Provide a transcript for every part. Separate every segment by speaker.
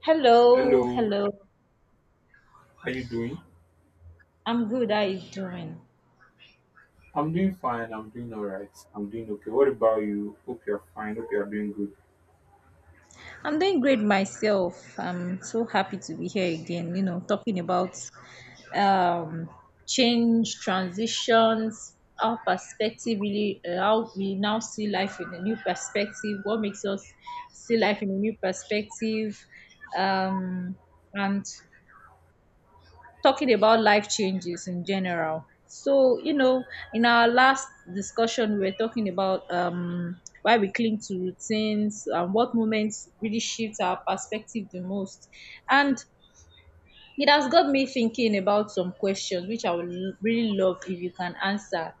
Speaker 1: Hello,
Speaker 2: Hello,
Speaker 1: hello.
Speaker 2: how you doing?
Speaker 1: I'm good. How are you doing?
Speaker 2: I'm doing fine. I'm doing all right. I'm doing okay. What about you? Hope you're fine. Hope you're doing good.
Speaker 1: I'm doing great myself. I'm so happy to be here again, you know, talking about um change, transitions, our perspective, really, how we now see life in a new perspective, what makes us see life in a new perspective, um and talking about life changes in general. So, you know, in our last discussion, we were talking about why we cling to routines and what moments really shift our perspective the most. And it has got me thinking about some questions which I would really love if you can answer.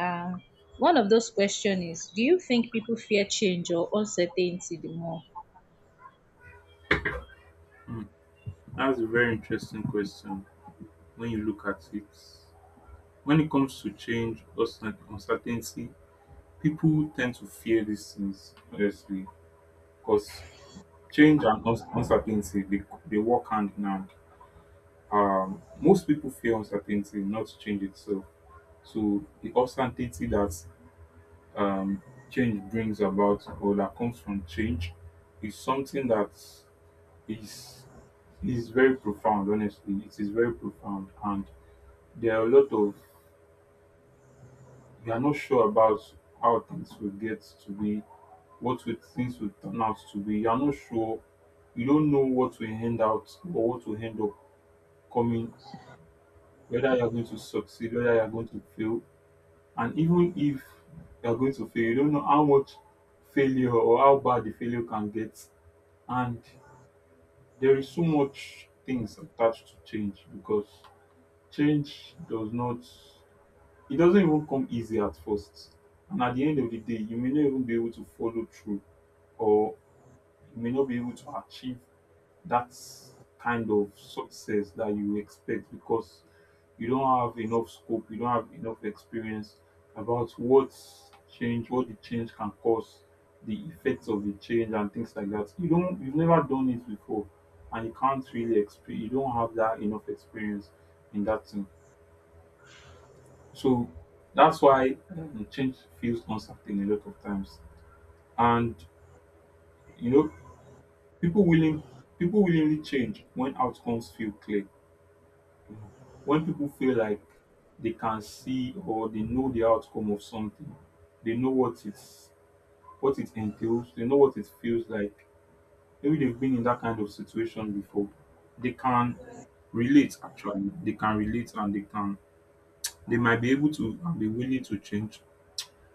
Speaker 1: Um, one of those questions is, do you think people fear change or uncertainty the more?
Speaker 2: Hmm, that's a very interesting question. When you look at it, when it comes to change or uncertainty, people tend to fear these things. Honestly, because change and uncertainty they work hand in hand. Most people fear uncertainty, not change itself. So the uncertainty that um, change brings about or that comes from change is something that is is very profound. Honestly, it is very profound, and there are a lot of, you are not sure about how things will get to be, what will things will turn out to be. You are not sure, you don't know what will end out or what will end up coming, whether you are going to succeed, whether you are going to fail. And even if you are going to fail, you don't know how much failure or how bad the failure can get. And there is so much things attached to change, because change does not, it doesn't even come easy at first. And at the end of the day, you may not even be able to follow through, or you may not be able to achieve that kind of success that you expect, because you don't have enough scope, you don't have enough experience about what change, what the change can cause, the effects of the change and things like that. You've never done it before, and you can't really experience, you don't have that enough experience in that thing. So that's why change feels uncertain a lot of times. And you know, people willing people willingly change when outcomes feel clear, when people feel like they can see or they know the outcome of something, they know what it's, what it entails, they know what it feels like. Maybe they've been in that kind of situation before. They can relate, actually. They can relate, and they can they might be able to and be willing to change.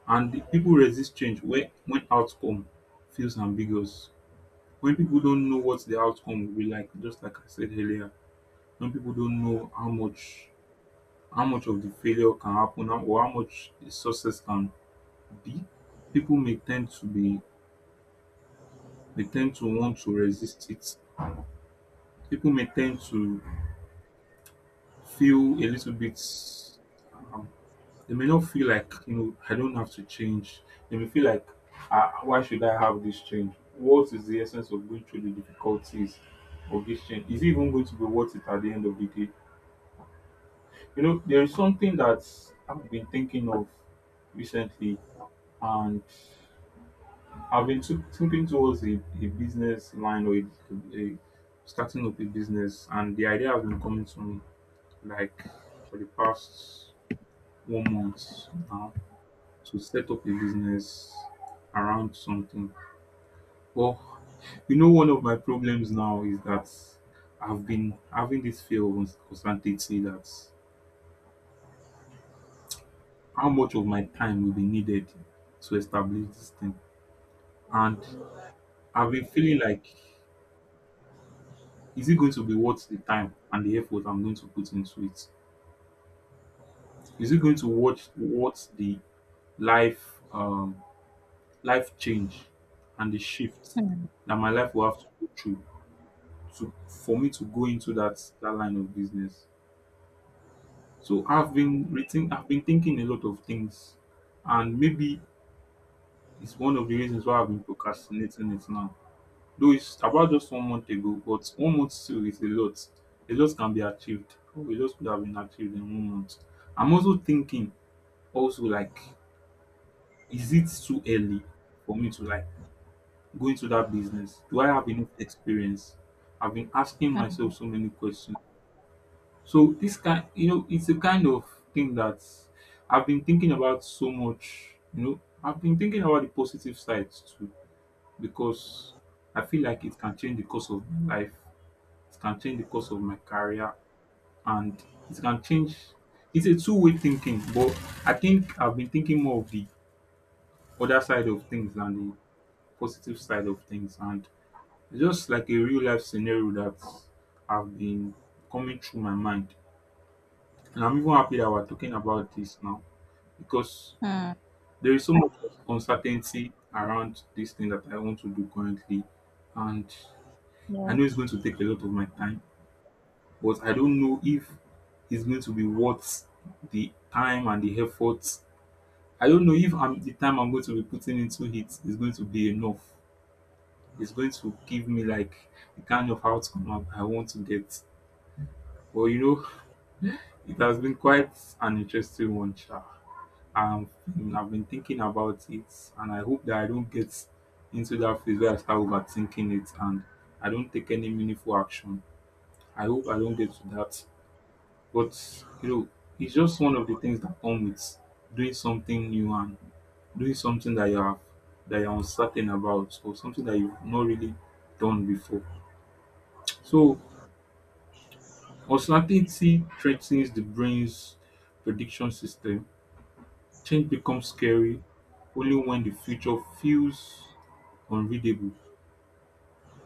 Speaker 2: And the people resist change when outcome feels ambiguous. When people don't know what the outcome will be like, just like I said earlier, when people don't know how much, how much of the failure can happen or how much the success can be, people may tend to be, they tend to want to resist it. People may tend to feel a little bit, um, they may not feel like, you know, I don't have to change. They may feel like, why should I have this change? What is the essence of going through the difficulties of this change? Is it even going to be worth it at the end of the day? You know, there is something that I've been thinking of recently, and I've been to thinking towards a business line, or a, starting up a business, and the idea has been coming to me like for the past 1 month now to set up a business around something. But you know, one of my problems now is that I've been having this fear of uncertainty, that how much of my time will be needed to establish this thing, and I've been feeling like, is it going to be worth the time and the effort I'm going to put into it? Is it going to worth what the life um life change and the shift
Speaker 1: Hmm,
Speaker 2: that my life will have to go through to, for me to go into that line of business? So I've been thinking a lot of things, and maybe it's one of the reasons why I've been procrastinating it now. Though it's about just 1 month ago, but 1 month still is a lot. A lot can be achieved. Oh, a lot could have been achieved in 1 month. I'm also thinking, also like, is it too early for me to like go into that business? Do I have enough experience? I've been asking
Speaker 1: hmm,
Speaker 2: myself so many questions. So this kind, you know, it's a kind of thing that I've been thinking about so much, you know. I've been thinking about the positive sides too, because I feel like it can change the course of my life, it can change the course of my career, and it can change, it's a two-way thinking. But I think I've been thinking more of the other side of things than the positive side of things. And it's just like a real life scenario that have been coming through my mind, and I'm even happy that we're talking about this now, because
Speaker 1: hmm,
Speaker 2: there is so much uncertainty around this thing that I want to do currently. And I know it's
Speaker 1: yes.
Speaker 2: going to take a lot of my time, but I don't know if it's going to be worth the time and the effort. I don't know if I'm, the time I'm going to be putting into it is going to be enough. It's going to give me like the kind of outcome I want to get. Well, you know, it has been quite an interesting one, sha. Um, I've been thinking about it, and I hope that I don't get into that phase where I start overthinking it and I don't take any meaningful action. I hope I don't get to that. But you know, it's just one of the things that come with doing something new, and doing something that you have that you're uncertain about, or something that you've not really done before. So uncertainty threatens the brain's prediction system. Change becomes scary only when the future feels unreadable.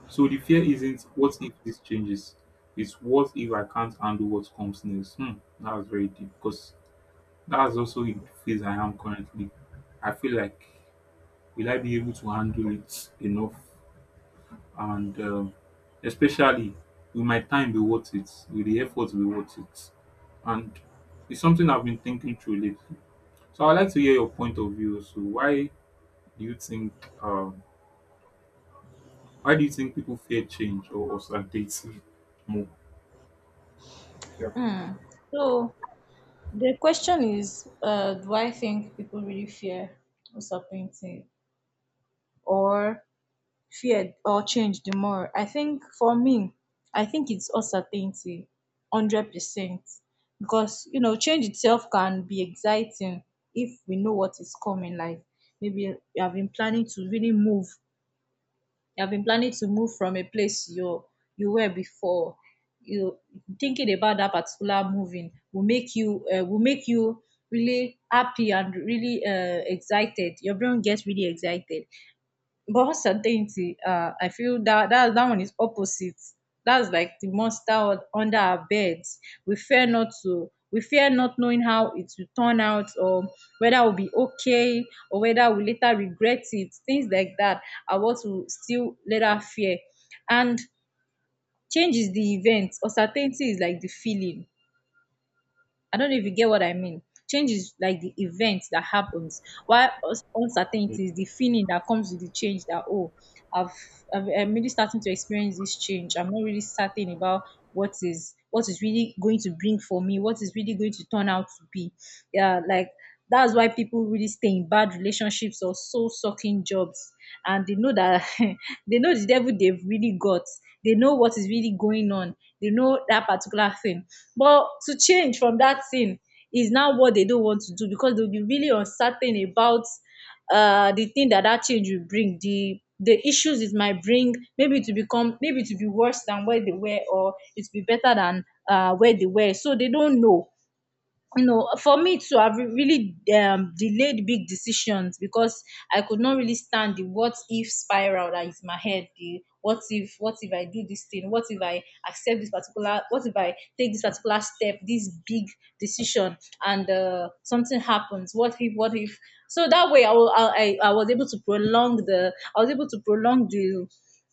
Speaker 2: So the fear isn't what if this changes, it's what if I can't handle what comes next. Hmm, that was very deep, because that's also the phase I am currently. I feel like, will I be able to handle it enough? And especially, will my time be worth it? Will the effort be worth it? And it's something I've been thinking through lately. So I'd like to hear your point of view. So why do you think, um, people fear change or uncertainty more? Yeah.
Speaker 1: Hmm. So, the question is, do I think people really fear disappointing or fear or change the more? I think for me, I think it's uncertainty, 100%, because you know change itself can be exciting if we know what is coming. Like maybe you have been planning to really move you have been planning to move from a place you were before, you thinking about that particular moving will make you really happy and really excited. Your brain gets really excited, but uncertainty, I feel that, that one is opposite. That's like the monster under our beds. We fear not to. We fear not knowing how it will turn out, or whether we'll be okay, or whether we later regret it. Things like that are what we still later fear. And change is the event. Uncertainty is like the feeling. I don't know if you get what I mean. Change is like the event that happens, while uncertainty is the feeling that comes with the change that, oh, I've, I've, I'm really starting to experience this change. I'm not really certain about what is really going to bring for me, what is really going to turn out to be. Yeah, like that's why people really stay in bad relationships or soul sucking jobs, and they know that they know the devil they've really got. They know what is really going on. They know that particular thing. But to change from that thing is now what they don't want to do, because they'll be really uncertain about the thing that that change will bring, the issues it might bring, maybe to become, maybe to be worse than where they were, or it will be better than where they were. So they don't know. You know, for me, to have really delayed big decisions, because I could not really stand the what if spiral that is in my head. The what if I do this thing? What if I accept this particular? What if I take this particular step, this big decision, and something happens? What if? What if? So that way, I, will, I was able to prolong the. I was able to prolong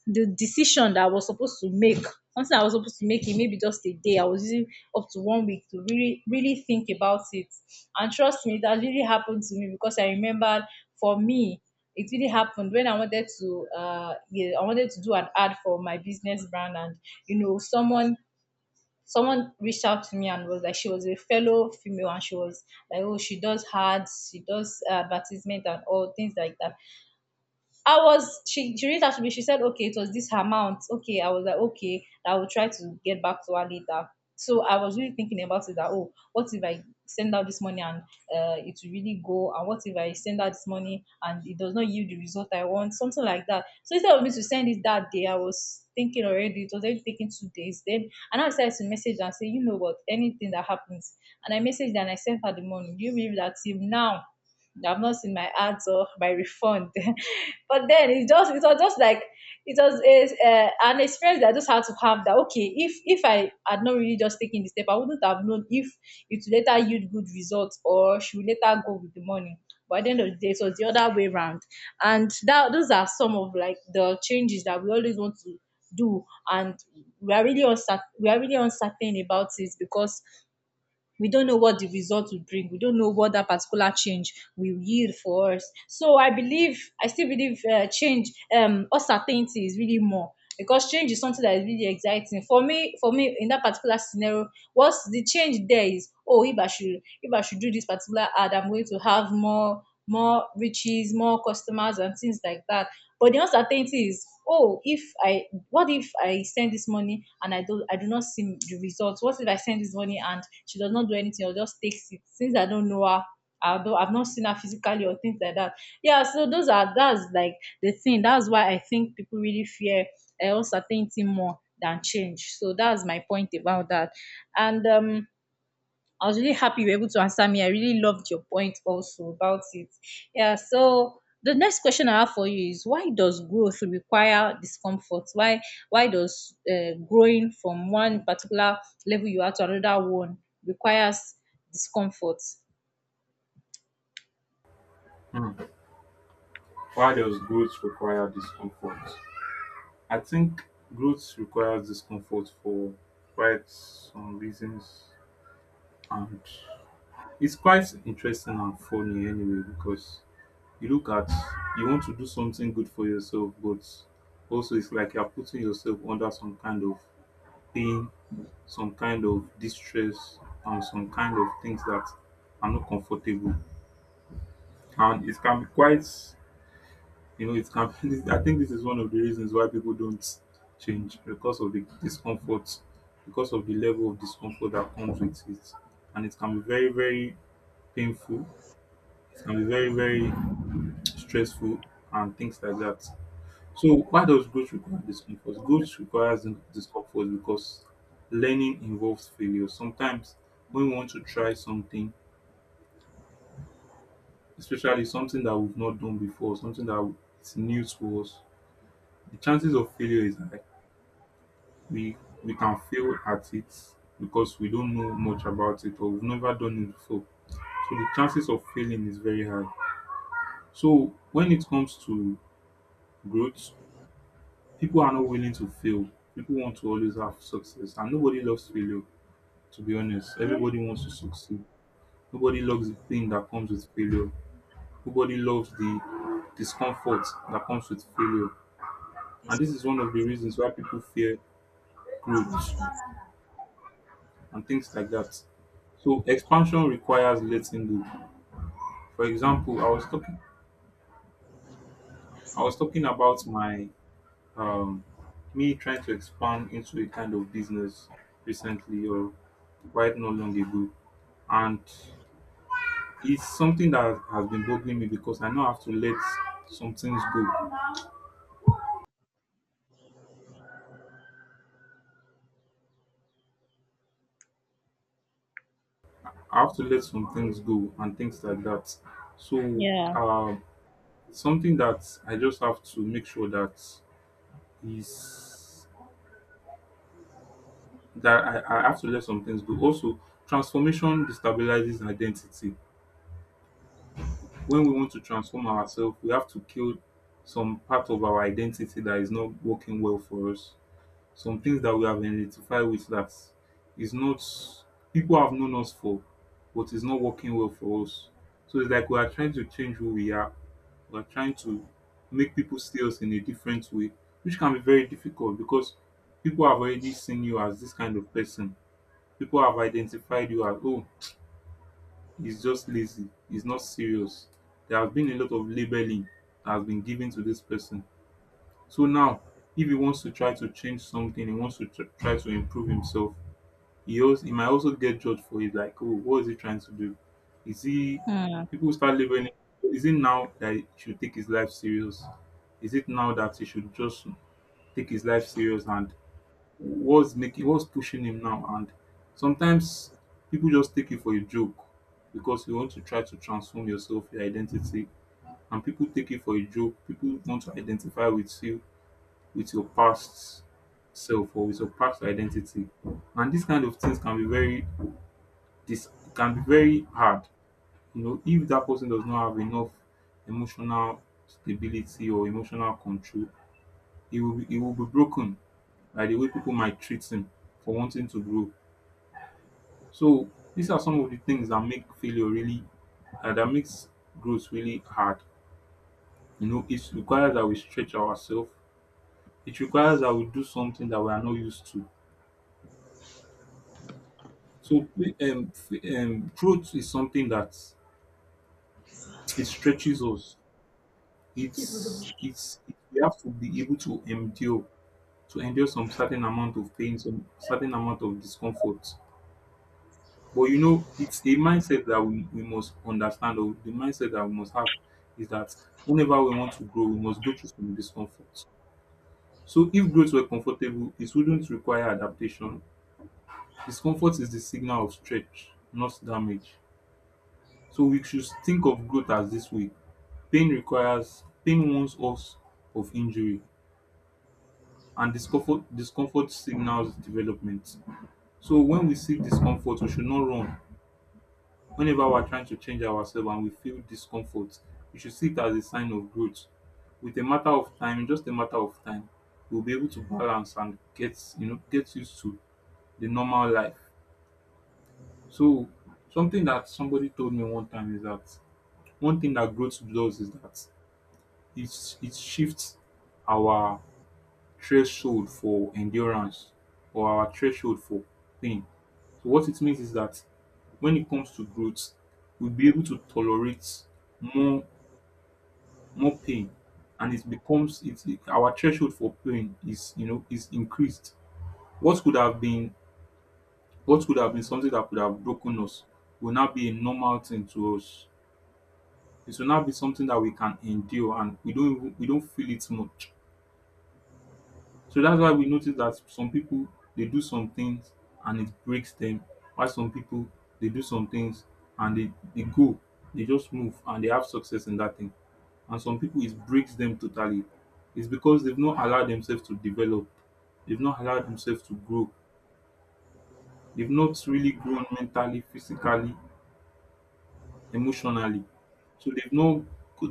Speaker 1: the decision that I was supposed to make, something I was supposed to make in maybe just a day. I was using up to 1 week to really, really think about it. And trust me, that really happened to me because I remembered, for me, it really happened when I wanted to, I wanted to do an ad for my business brand, and you know, someone reached out to me and was like, she was a fellow female, and she was like, oh, she does ads, she does advertisement and all things like that. I was she reached out to me, she said, okay, it was this amount. Okay, I was like, okay, I will try to get back to her later. So I was really thinking about it that oh, what if I send out this money and it will really go? And what if I send out this money and it does not yield the result I want? Something like that. So instead of me to send it that day, I was thinking already, it was already taking 2 days. Then and I decided to message and say, you know what, anything that happens. And I messaged her and I sent her the money. Do you believe that till now I've not seen my ads or my refund? But then it was just like it was a, an experience that I just had to have, that okay, if I had not really just taken the step, I wouldn't have known if it would later yield good results or she would later go with the money. But at the end of the day, it was the other way around. And that those are some of like the changes that we always want to do, and we are really uncertain about it, because we don't know what the result will bring. We don't know what that particular change will yield for us. So I still believe uncertainty is really more, because change is something that is really exciting for me. For me, in that particular scenario, what's the change there is? Oh, if I should do this particular ad, I'm going to have more, more riches, more customers, and things like that. But the uncertainty is, oh, if I, what if I send this money and I do not see the results? What if I send this money and she does not do anything or just takes it? Since I don't know her, I've not seen her physically or things like that. Yeah, so those are that's like the thing. That's why I think people really fear uncertainty more than change. So that's my point about that. And I was really happy you were able to answer me. I really loved your point also about it. Yeah, so the next question I have for you is, why does growth require discomfort? Why does growing from one particular level you are to another one requires discomfort?
Speaker 2: Why does growth require discomfort? I think growth requires discomfort for quite some reasons, and it's quite interesting and funny anyway, because you look at you want to do something good for yourself, but also it's like you're putting yourself under some kind of pain, some kind of distress, and some kind of things that are not comfortable, and it can be quite, you know, it can, I think this is one of the reasons why people don't change, because of the discomfort, because of the level of discomfort that comes with it. And it can be very, very painful, it can be very, very stressful, and things like that. So, why does growth require discomfort? Growth requires discomfort because learning involves failure. Sometimes, when we want to try something, especially something that we've not done before, something that is new to us, the chances of failure is high. We we can fail at it because we don't know much about it, or we've never done it before. So the chances of failing is very high. So when it comes to growth, people are not willing to fail. People want to always have success, and nobody loves failure. To be honest, everybody wants to succeed. Nobody loves the pain that comes with failure. Nobody loves the discomfort that comes with failure. And this is one of the reasons why people fear growth, and things like that. So expansion requires letting go. For example, I was talking about my um me trying to expand into a kind of business recently, or right not long ago. And it's something that has been bothering me, because I now have to let some things go. I have to let some things go and things like that. So
Speaker 1: Yeah.
Speaker 2: um something that I just have to make sure that is that I have to let some things go. Also, transformation destabilizes identity. When we want to transform ourselves, we have to kill some part of our identity that is not working well for us. Some things that we have identified with that is not, people have known us for, but is not working well for us. So it's like we are trying to change who we are. We are trying to make people see us in a different way, which can be very difficult because people have already seen you as this kind of person. People have identified you as, oh, he's just lazy, he's not serious. There has been a lot of labeling that has been given to this person. So now, if he wants to try to change something, he wants to try to improve himself, he, also, he might also get judged for it. Like, oh, what is he trying to do? Is he,
Speaker 1: Hmm.
Speaker 2: people start labeling, is it now that he should take his life serious? Is it now that he should just take his life serious and what's pushing him now? And sometimes people just take it for a joke because you want to try to transform yourself, your identity, and people take it for a joke. People want to identify with you, with your past self or with your past identity, and these kind of things can be very, this can be very hard, you know, if that person does not have enough emotional stability or emotional control. He will be broken by the way people might treat him for wanting to grow. So these are some of the things that make failure really that makes growth really hard. You know, it requires that we stretch ourselves. It requires that we do something that we are not used to. So growth is something that it stretches us. It's we have to be able to endure some certain amount of pain, some certain amount of discomfort. But you know, it's a mindset that we must understand, or the mindset that we must have is that whenever we want to grow, we must go through some discomfort. So if growth were comfortable, it wouldn't require adaptation. Discomfort is the signal of stretch, not damage. So we should think of growth as this way. Pain warns us of injury, and discomfort signals development. So when we see discomfort, we should not run. Whenever we're trying to change ourselves and we feel discomfort, we should see it as a sign of growth. With a matter of time, just a matter of time, we'll be able to balance and get, you know, get used to the normal life. So something that somebody told me one time is that one thing that growth does is that it shifts our threshold for endurance, or our threshold for pain. So what it means is that when it comes to growth, we'll be able to tolerate more more pain, and it becomes our threshold for pain is, you know, is increased. what could have been what could have been something that could have broken us will now be a normal thing to us. It will now be something that we can endure and we don't feel it much. So that's why we notice that some people, they do some things and it breaks them, while some people, they do some things and they just move and they have success in that thing, and some people it breaks them totally. It's because they've not allowed themselves to develop, they've not allowed themselves to grow, they've not really grown mentally, physically, emotionally. So they've not,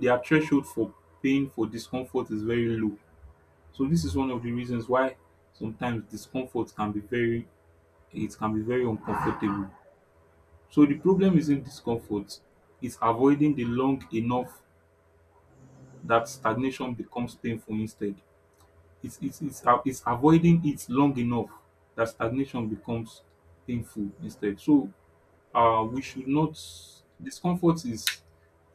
Speaker 2: their threshold for pain, for discomfort is very low. So this is one of the reasons why sometimes discomfort can be very, it can be very uncomfortable. So the problem isn't discomfort, it's avoiding the long enough that stagnation becomes painful instead. It's avoiding it long enough that stagnation becomes painful instead. So uh, we should not, discomfort is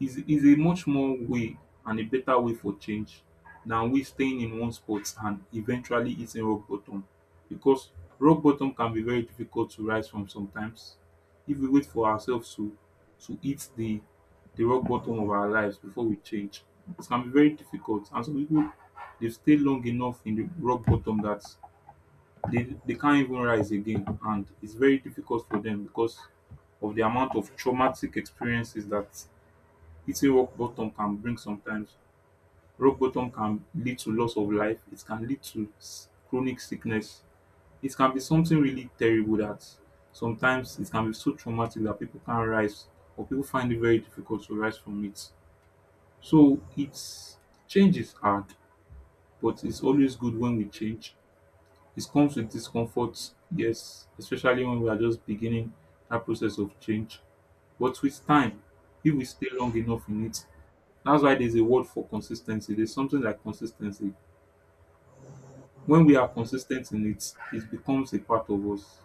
Speaker 2: a much more way and a better way for change than we staying in one spot and eventually hitting rock bottom, because rock bottom can be very difficult to rise from sometimes. If we wait for ourselves to hit the rock bottom of our lives before we change, it can be very difficult, and some people, they've stayed long enough in the rock bottom that they can't even rise again, and it's very difficult for them because of the amount of traumatic experiences that hitting rock bottom can bring sometimes. Rock bottom can lead to loss of life, it can lead to chronic sickness. It can be something really terrible that sometimes it can be so traumatic that people can't rise, or people find it very difficult to rise from it. So it's, change is hard, but it's always good when we change. It comes with discomfort, yes, especially when we are just beginning that process of change. But with time, if we stay long enough in it, that's why there's a word for consistency. There's something like consistency. When we are consistent in it, it becomes a part of us.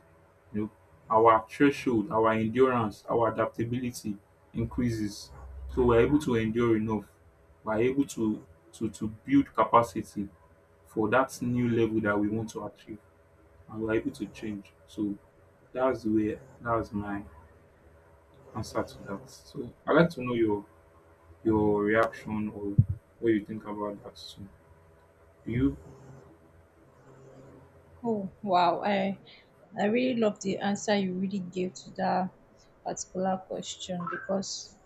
Speaker 2: You know, our threshold, our endurance, our adaptability increases. So we're able to endure enough. We're able to build capacity for that new level that we want to achieve, and we're able to change. So that's my answer to that. So I'd like to know your reaction or what you think about that. So do you?
Speaker 1: Oh wow. I really love the answer you really gave to that particular question, because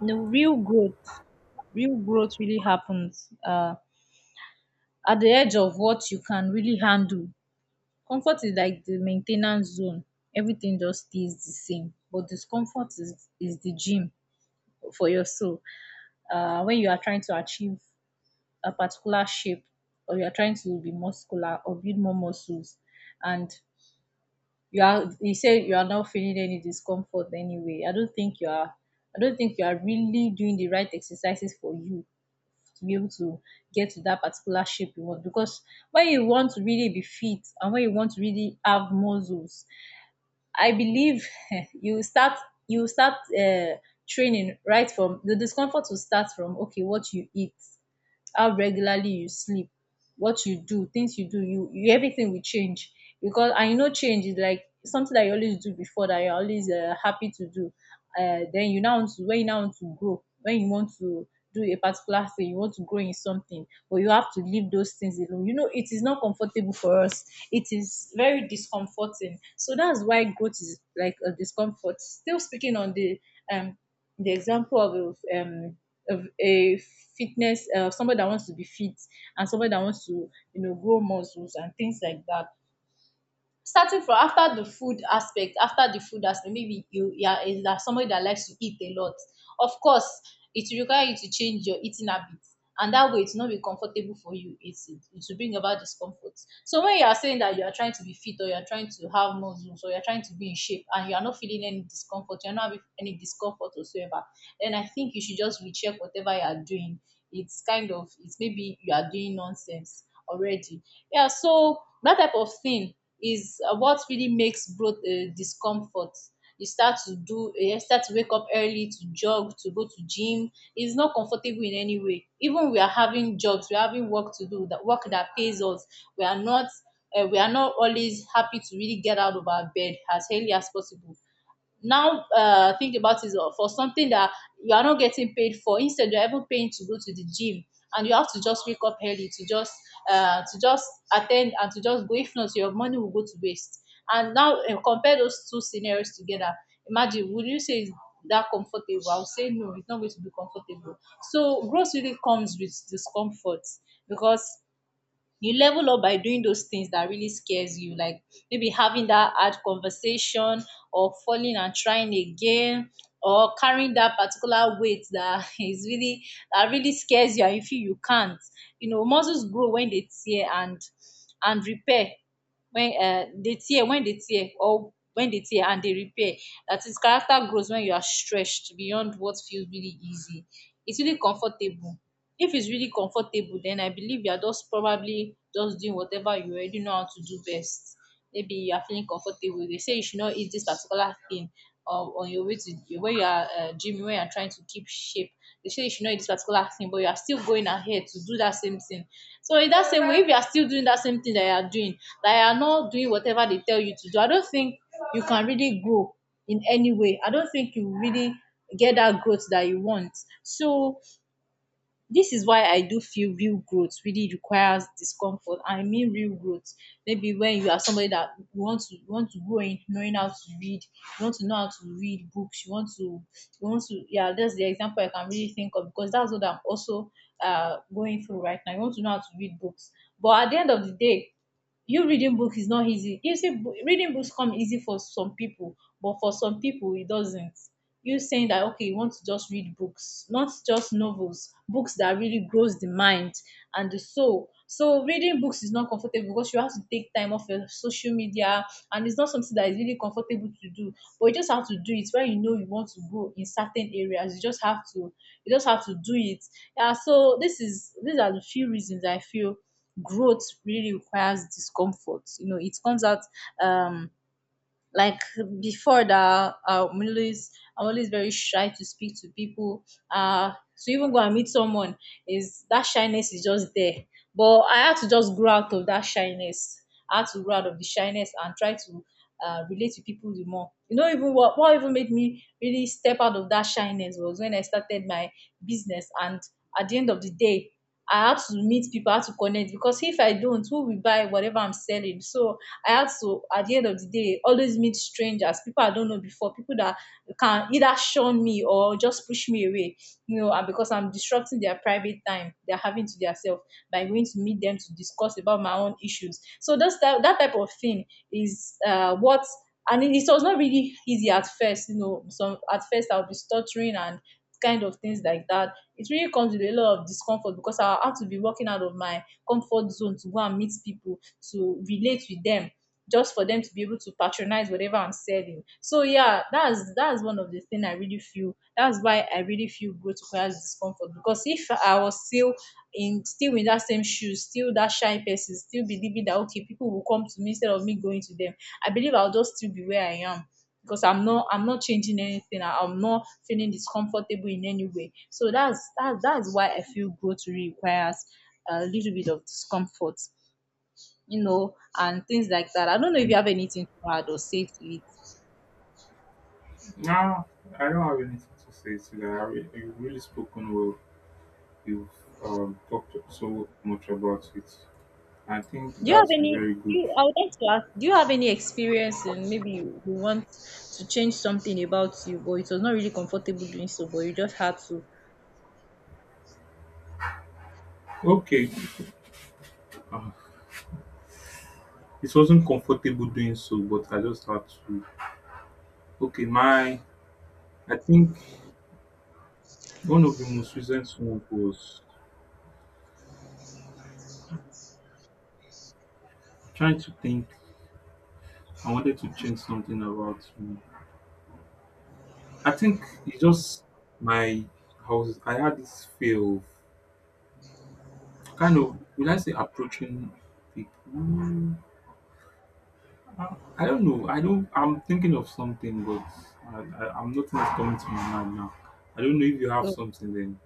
Speaker 1: No, real growth really happens at the edge of what you can really handle. Comfort is like the maintenance zone. Everything just stays the same. But discomfort is the gym for your soul. When you are trying to achieve a particular shape, or you are trying to be muscular or build more muscles, and you say you are not feeling any discomfort anyway, I don't think you are really doing the right exercises for you to be able to get to that particular shape you want. Because when you want to really be fit and when you want to really have muscles, I believe you start you start training right from the discomfort will start from, okay, what you eat, how regularly you sleep, what you do, things you do, you, everything will change. Because and you know change is like something that you always do before, that you're always happy to do. Then you now want to when you now want to grow, when you want to do a particular thing, you want to grow in something, but you have to leave those things alone. You know, it is not comfortable for us. It is very discomforting. So that's why growth is like a discomfort. Still speaking on the um example of a fitness, somebody that wants to be fit and somebody that wants to, you know, grow muscles and things like that, starting from after the food aspect, maybe you are somebody that likes to eat a lot. Of course it will require you to change your eating habits, and that way it's not be comfortable for you. It will bring about discomfort. So when you are saying that you are trying to be fit, or you are trying to have muscles, or you are trying to be in shape, and you are not feeling any discomfort, you are not having any discomfort whatsoever, then I think you should just recheck whatever you are doing. It's kind of it's maybe you are doing nonsense already. Yeah, so that type of thing is what really makes growth discomfort. You start to do, eh, you start to wake up early to jog, to go to gym. It's not comfortable in any way. Even we are having jobs, we are having work to do, that work that pays us. We are not we are not always happy to really get out of our bed as early as possible now. Think about it, for something that you are not getting paid for. Instead you're even paying to go to the gym, and you have to just wake up early to just uh, to just attend and to just go, if not your money will go to waste. And now compare those two scenarios together. Imagine, would you say it's that comfortable? I would say no, it's not going to be comfortable. So growth really comes with discomfort, because you level up by doing those things that really scares you, like maybe having that hard conversation, or falling and trying again, or carrying that particular weight that is really that really scares you and you feel you can't. You know, muscles grow when they tear and repair. When they tear, when they tear or when they tear and they repair, that is, character grows when you are stretched beyond what feels really easy. It's really comfortable. If it's really comfortable, then I believe you're just probably just doing whatever you already know how to do best. Maybe you are feeling comfortable. They say you should not eat this particular thing on your way to where you are, gym, where you are trying to keep shape. They say you should not eat this particular thing, but you are still going ahead to do that same thing. So in that same way, if you are still doing that same thing that you are doing, that you are not doing whatever they tell you to do, I don't think you can really grow in any way. I don't think you really get that growth that you want. So this is why I do feel real growth really requires discomfort. I mean real growth. Maybe when you are somebody that you want to grow in knowing how to read, you want to know how to read books, you want to yeah, that's the example I can really think of, because that's what I'm also going through right now. You want to know how to read books. But at the end of the day, you reading book is not easy. You see, reading books come easy for some people, but for some people it doesn't. You saying that, okay, you want to just read books, not just novels, books that really grows the mind and the soul. So reading books is not comfortable, because you have to take time off your social media, and it's not something that is really comfortable to do. But you just have to do it when you know you want to grow in certain areas. You just have to do it. Yeah. So this is these are the few reasons I feel growth really requires discomfort. You know, it comes out um like before that, I'm always very shy to speak to people. To even go and meet someone, is that shyness is just there. But I had to just grow out of that shyness. I had to grow out of the shyness and try to relate to people the more. You know, even what even made me really step out of that shyness was when I started my business, and at the end of the day I had to meet people, I had to connect, because if I don't, who will buy whatever I'm selling? So I had to, at the end of the day, always meet strangers, people I don't know before, people that can either shun me or just push me away, you know, and because I'm disrupting their private time they're having to themselves by going to meet them to discuss about my own issues. So that's that, that type of thing is what and it was not really easy at first, you know. Some at first I'll be stuttering and kind of things like that. It really comes with a lot of discomfort, because I have to be working out of my comfort zone to go and meet people, to relate with them, just for them to be able to patronize whatever I'm selling. So yeah, that's one of the thing I really feel. That's why I really feel growth requires discomfort, because if I was still in still in that same shoes, still that shy person, still believing that okay people will come to me instead of me going to them, I believe I'll just still be where I am, because I'm not changing anything. I'm not feeling discomfortable in any way. So that's that, that's why I feel growth really requires a little bit of discomfort, you know, and things like that. I don't know if you have anything to add or say to it.
Speaker 2: No, I don't have anything to say to that. You've really spoken well. You've talked so much about it. I think
Speaker 1: Do you have
Speaker 2: that's
Speaker 1: any?
Speaker 2: very good.
Speaker 1: I would like to ask. Do you have any experience in, maybe you, you want to change something about you, but it was not really comfortable doing so, but you just had to.
Speaker 2: Okay, uh, it wasn't comfortable doing so, but I just had to. Okay, my, I think one of the most recent ones was, trying to think. I wanted to change something about me. I think it's just my, I had this fear of, kind of, will I say approaching people. I don't know. I don't. I'm thinking of something, but I, I'm nothing is coming to my mind now. I don't know if you have
Speaker 1: Oh,
Speaker 2: something then,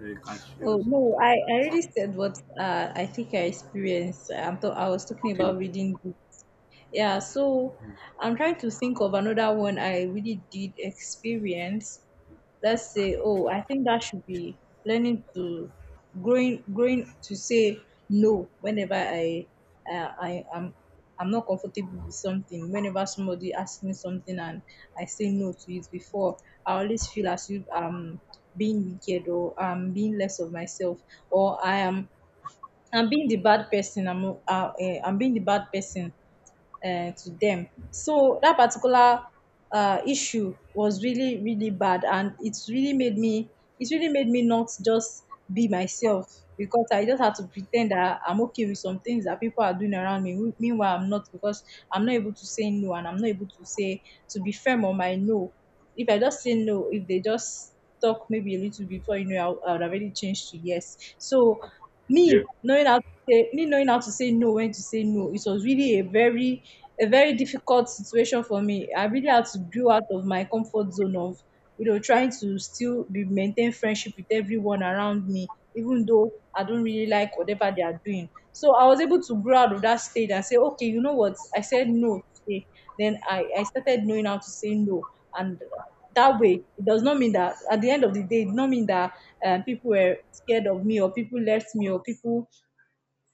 Speaker 2: you can share or
Speaker 1: oh
Speaker 2: something
Speaker 1: no,
Speaker 2: like
Speaker 1: I
Speaker 2: that.
Speaker 1: really said what, I think I experienced. I'm t- I am I was talking
Speaker 2: Okay.
Speaker 1: about reading books. Yeah, so
Speaker 2: Mm.
Speaker 1: I'm trying to think of another one I really did experience. Let's say, oh, I think that should be learning to, growing to say no whenever uh, I am I'm not comfortable with something. Whenever somebody asks me something and I say no to it before, I always feel as if I'm being wicked, or I'm being less of myself, or I'm being the bad person. I'm being the bad person to them. So that particular issue was really really bad, and it's really made me, it's really made me not just be myself, because I just had to pretend that I'm okay with some things that people are doing around me. Meanwhile, I'm not, because I'm not able to say no, and I'm not able to say to be firm on my no. If I just say no, if they just talk maybe a little before, you know, I would, I would have already changed to yes. So
Speaker 2: Yeah.
Speaker 1: me knowing how to me knowing how to say no, when to say no, it was really a very, a very difficult situation for me. I really had to go out of my comfort zone of, you know, trying to still be maintain friendship with everyone around me, even though I don't really like whatever they are doing. So I was able to grow out of that stage and say, okay, you know what, I said no today. Then I started knowing how to say no. And that way, it does not mean that at the end of the day, it does not mean that people were scared of me, or people left me, or people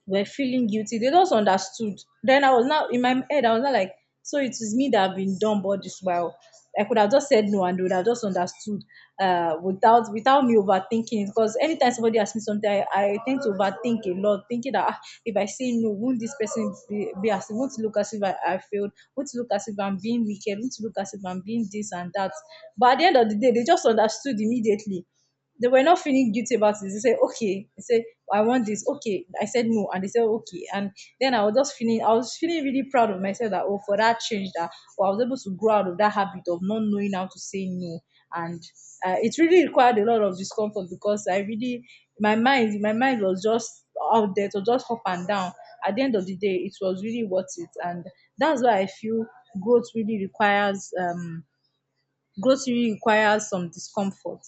Speaker 1: were feeling guilty. They just understood. Then I was now in my head, I was not like, so it is me that have been dumb all this while. I could have just said no and they would have just understood, without me overthinking it. Because anytime somebody asks me something, I tend to overthink a lot, thinking that ah, if I say no, won't this person be as won't it look as if I failed, won't it look as if I'm being wicked, won't it look as if I'm being this and that. But at the end of the day, they just understood immediately. They were not feeling guilty about it. They said, okay. They said, I want this. Okay. I said no. And they said, okay. And then I was just feeling, I was feeling really proud of myself that, oh, for that change that, oh, I was able to grow out of that habit of not knowing how to say no. And it really required a lot of discomfort, because I really, my mind was just out there, to just up and down. At the end of the day, it was really worth it. And that's why I feel growth really requires, grocery requires some discomfort.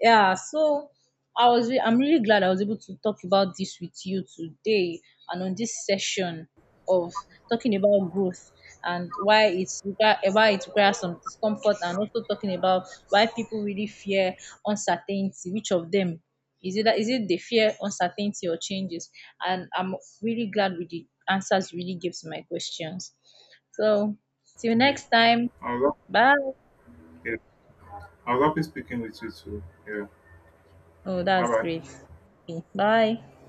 Speaker 1: Yeah, so I'm really glad I was able to talk about this with you today and on this session of talking about growth and why it requires some discomfort, and also talking about why people really fear uncertainty. Which of them is it, that is it they fear uncertainty or changes? And I'm really glad with the answers you really gave to my questions. So till
Speaker 2: Yeah.
Speaker 1: next time,
Speaker 2: I was
Speaker 1: bye.
Speaker 2: yeah. I was happy speaking with you too. Yeah.
Speaker 1: Oh,
Speaker 2: Bye
Speaker 1: that's
Speaker 2: bye.
Speaker 1: great. Okay, bye.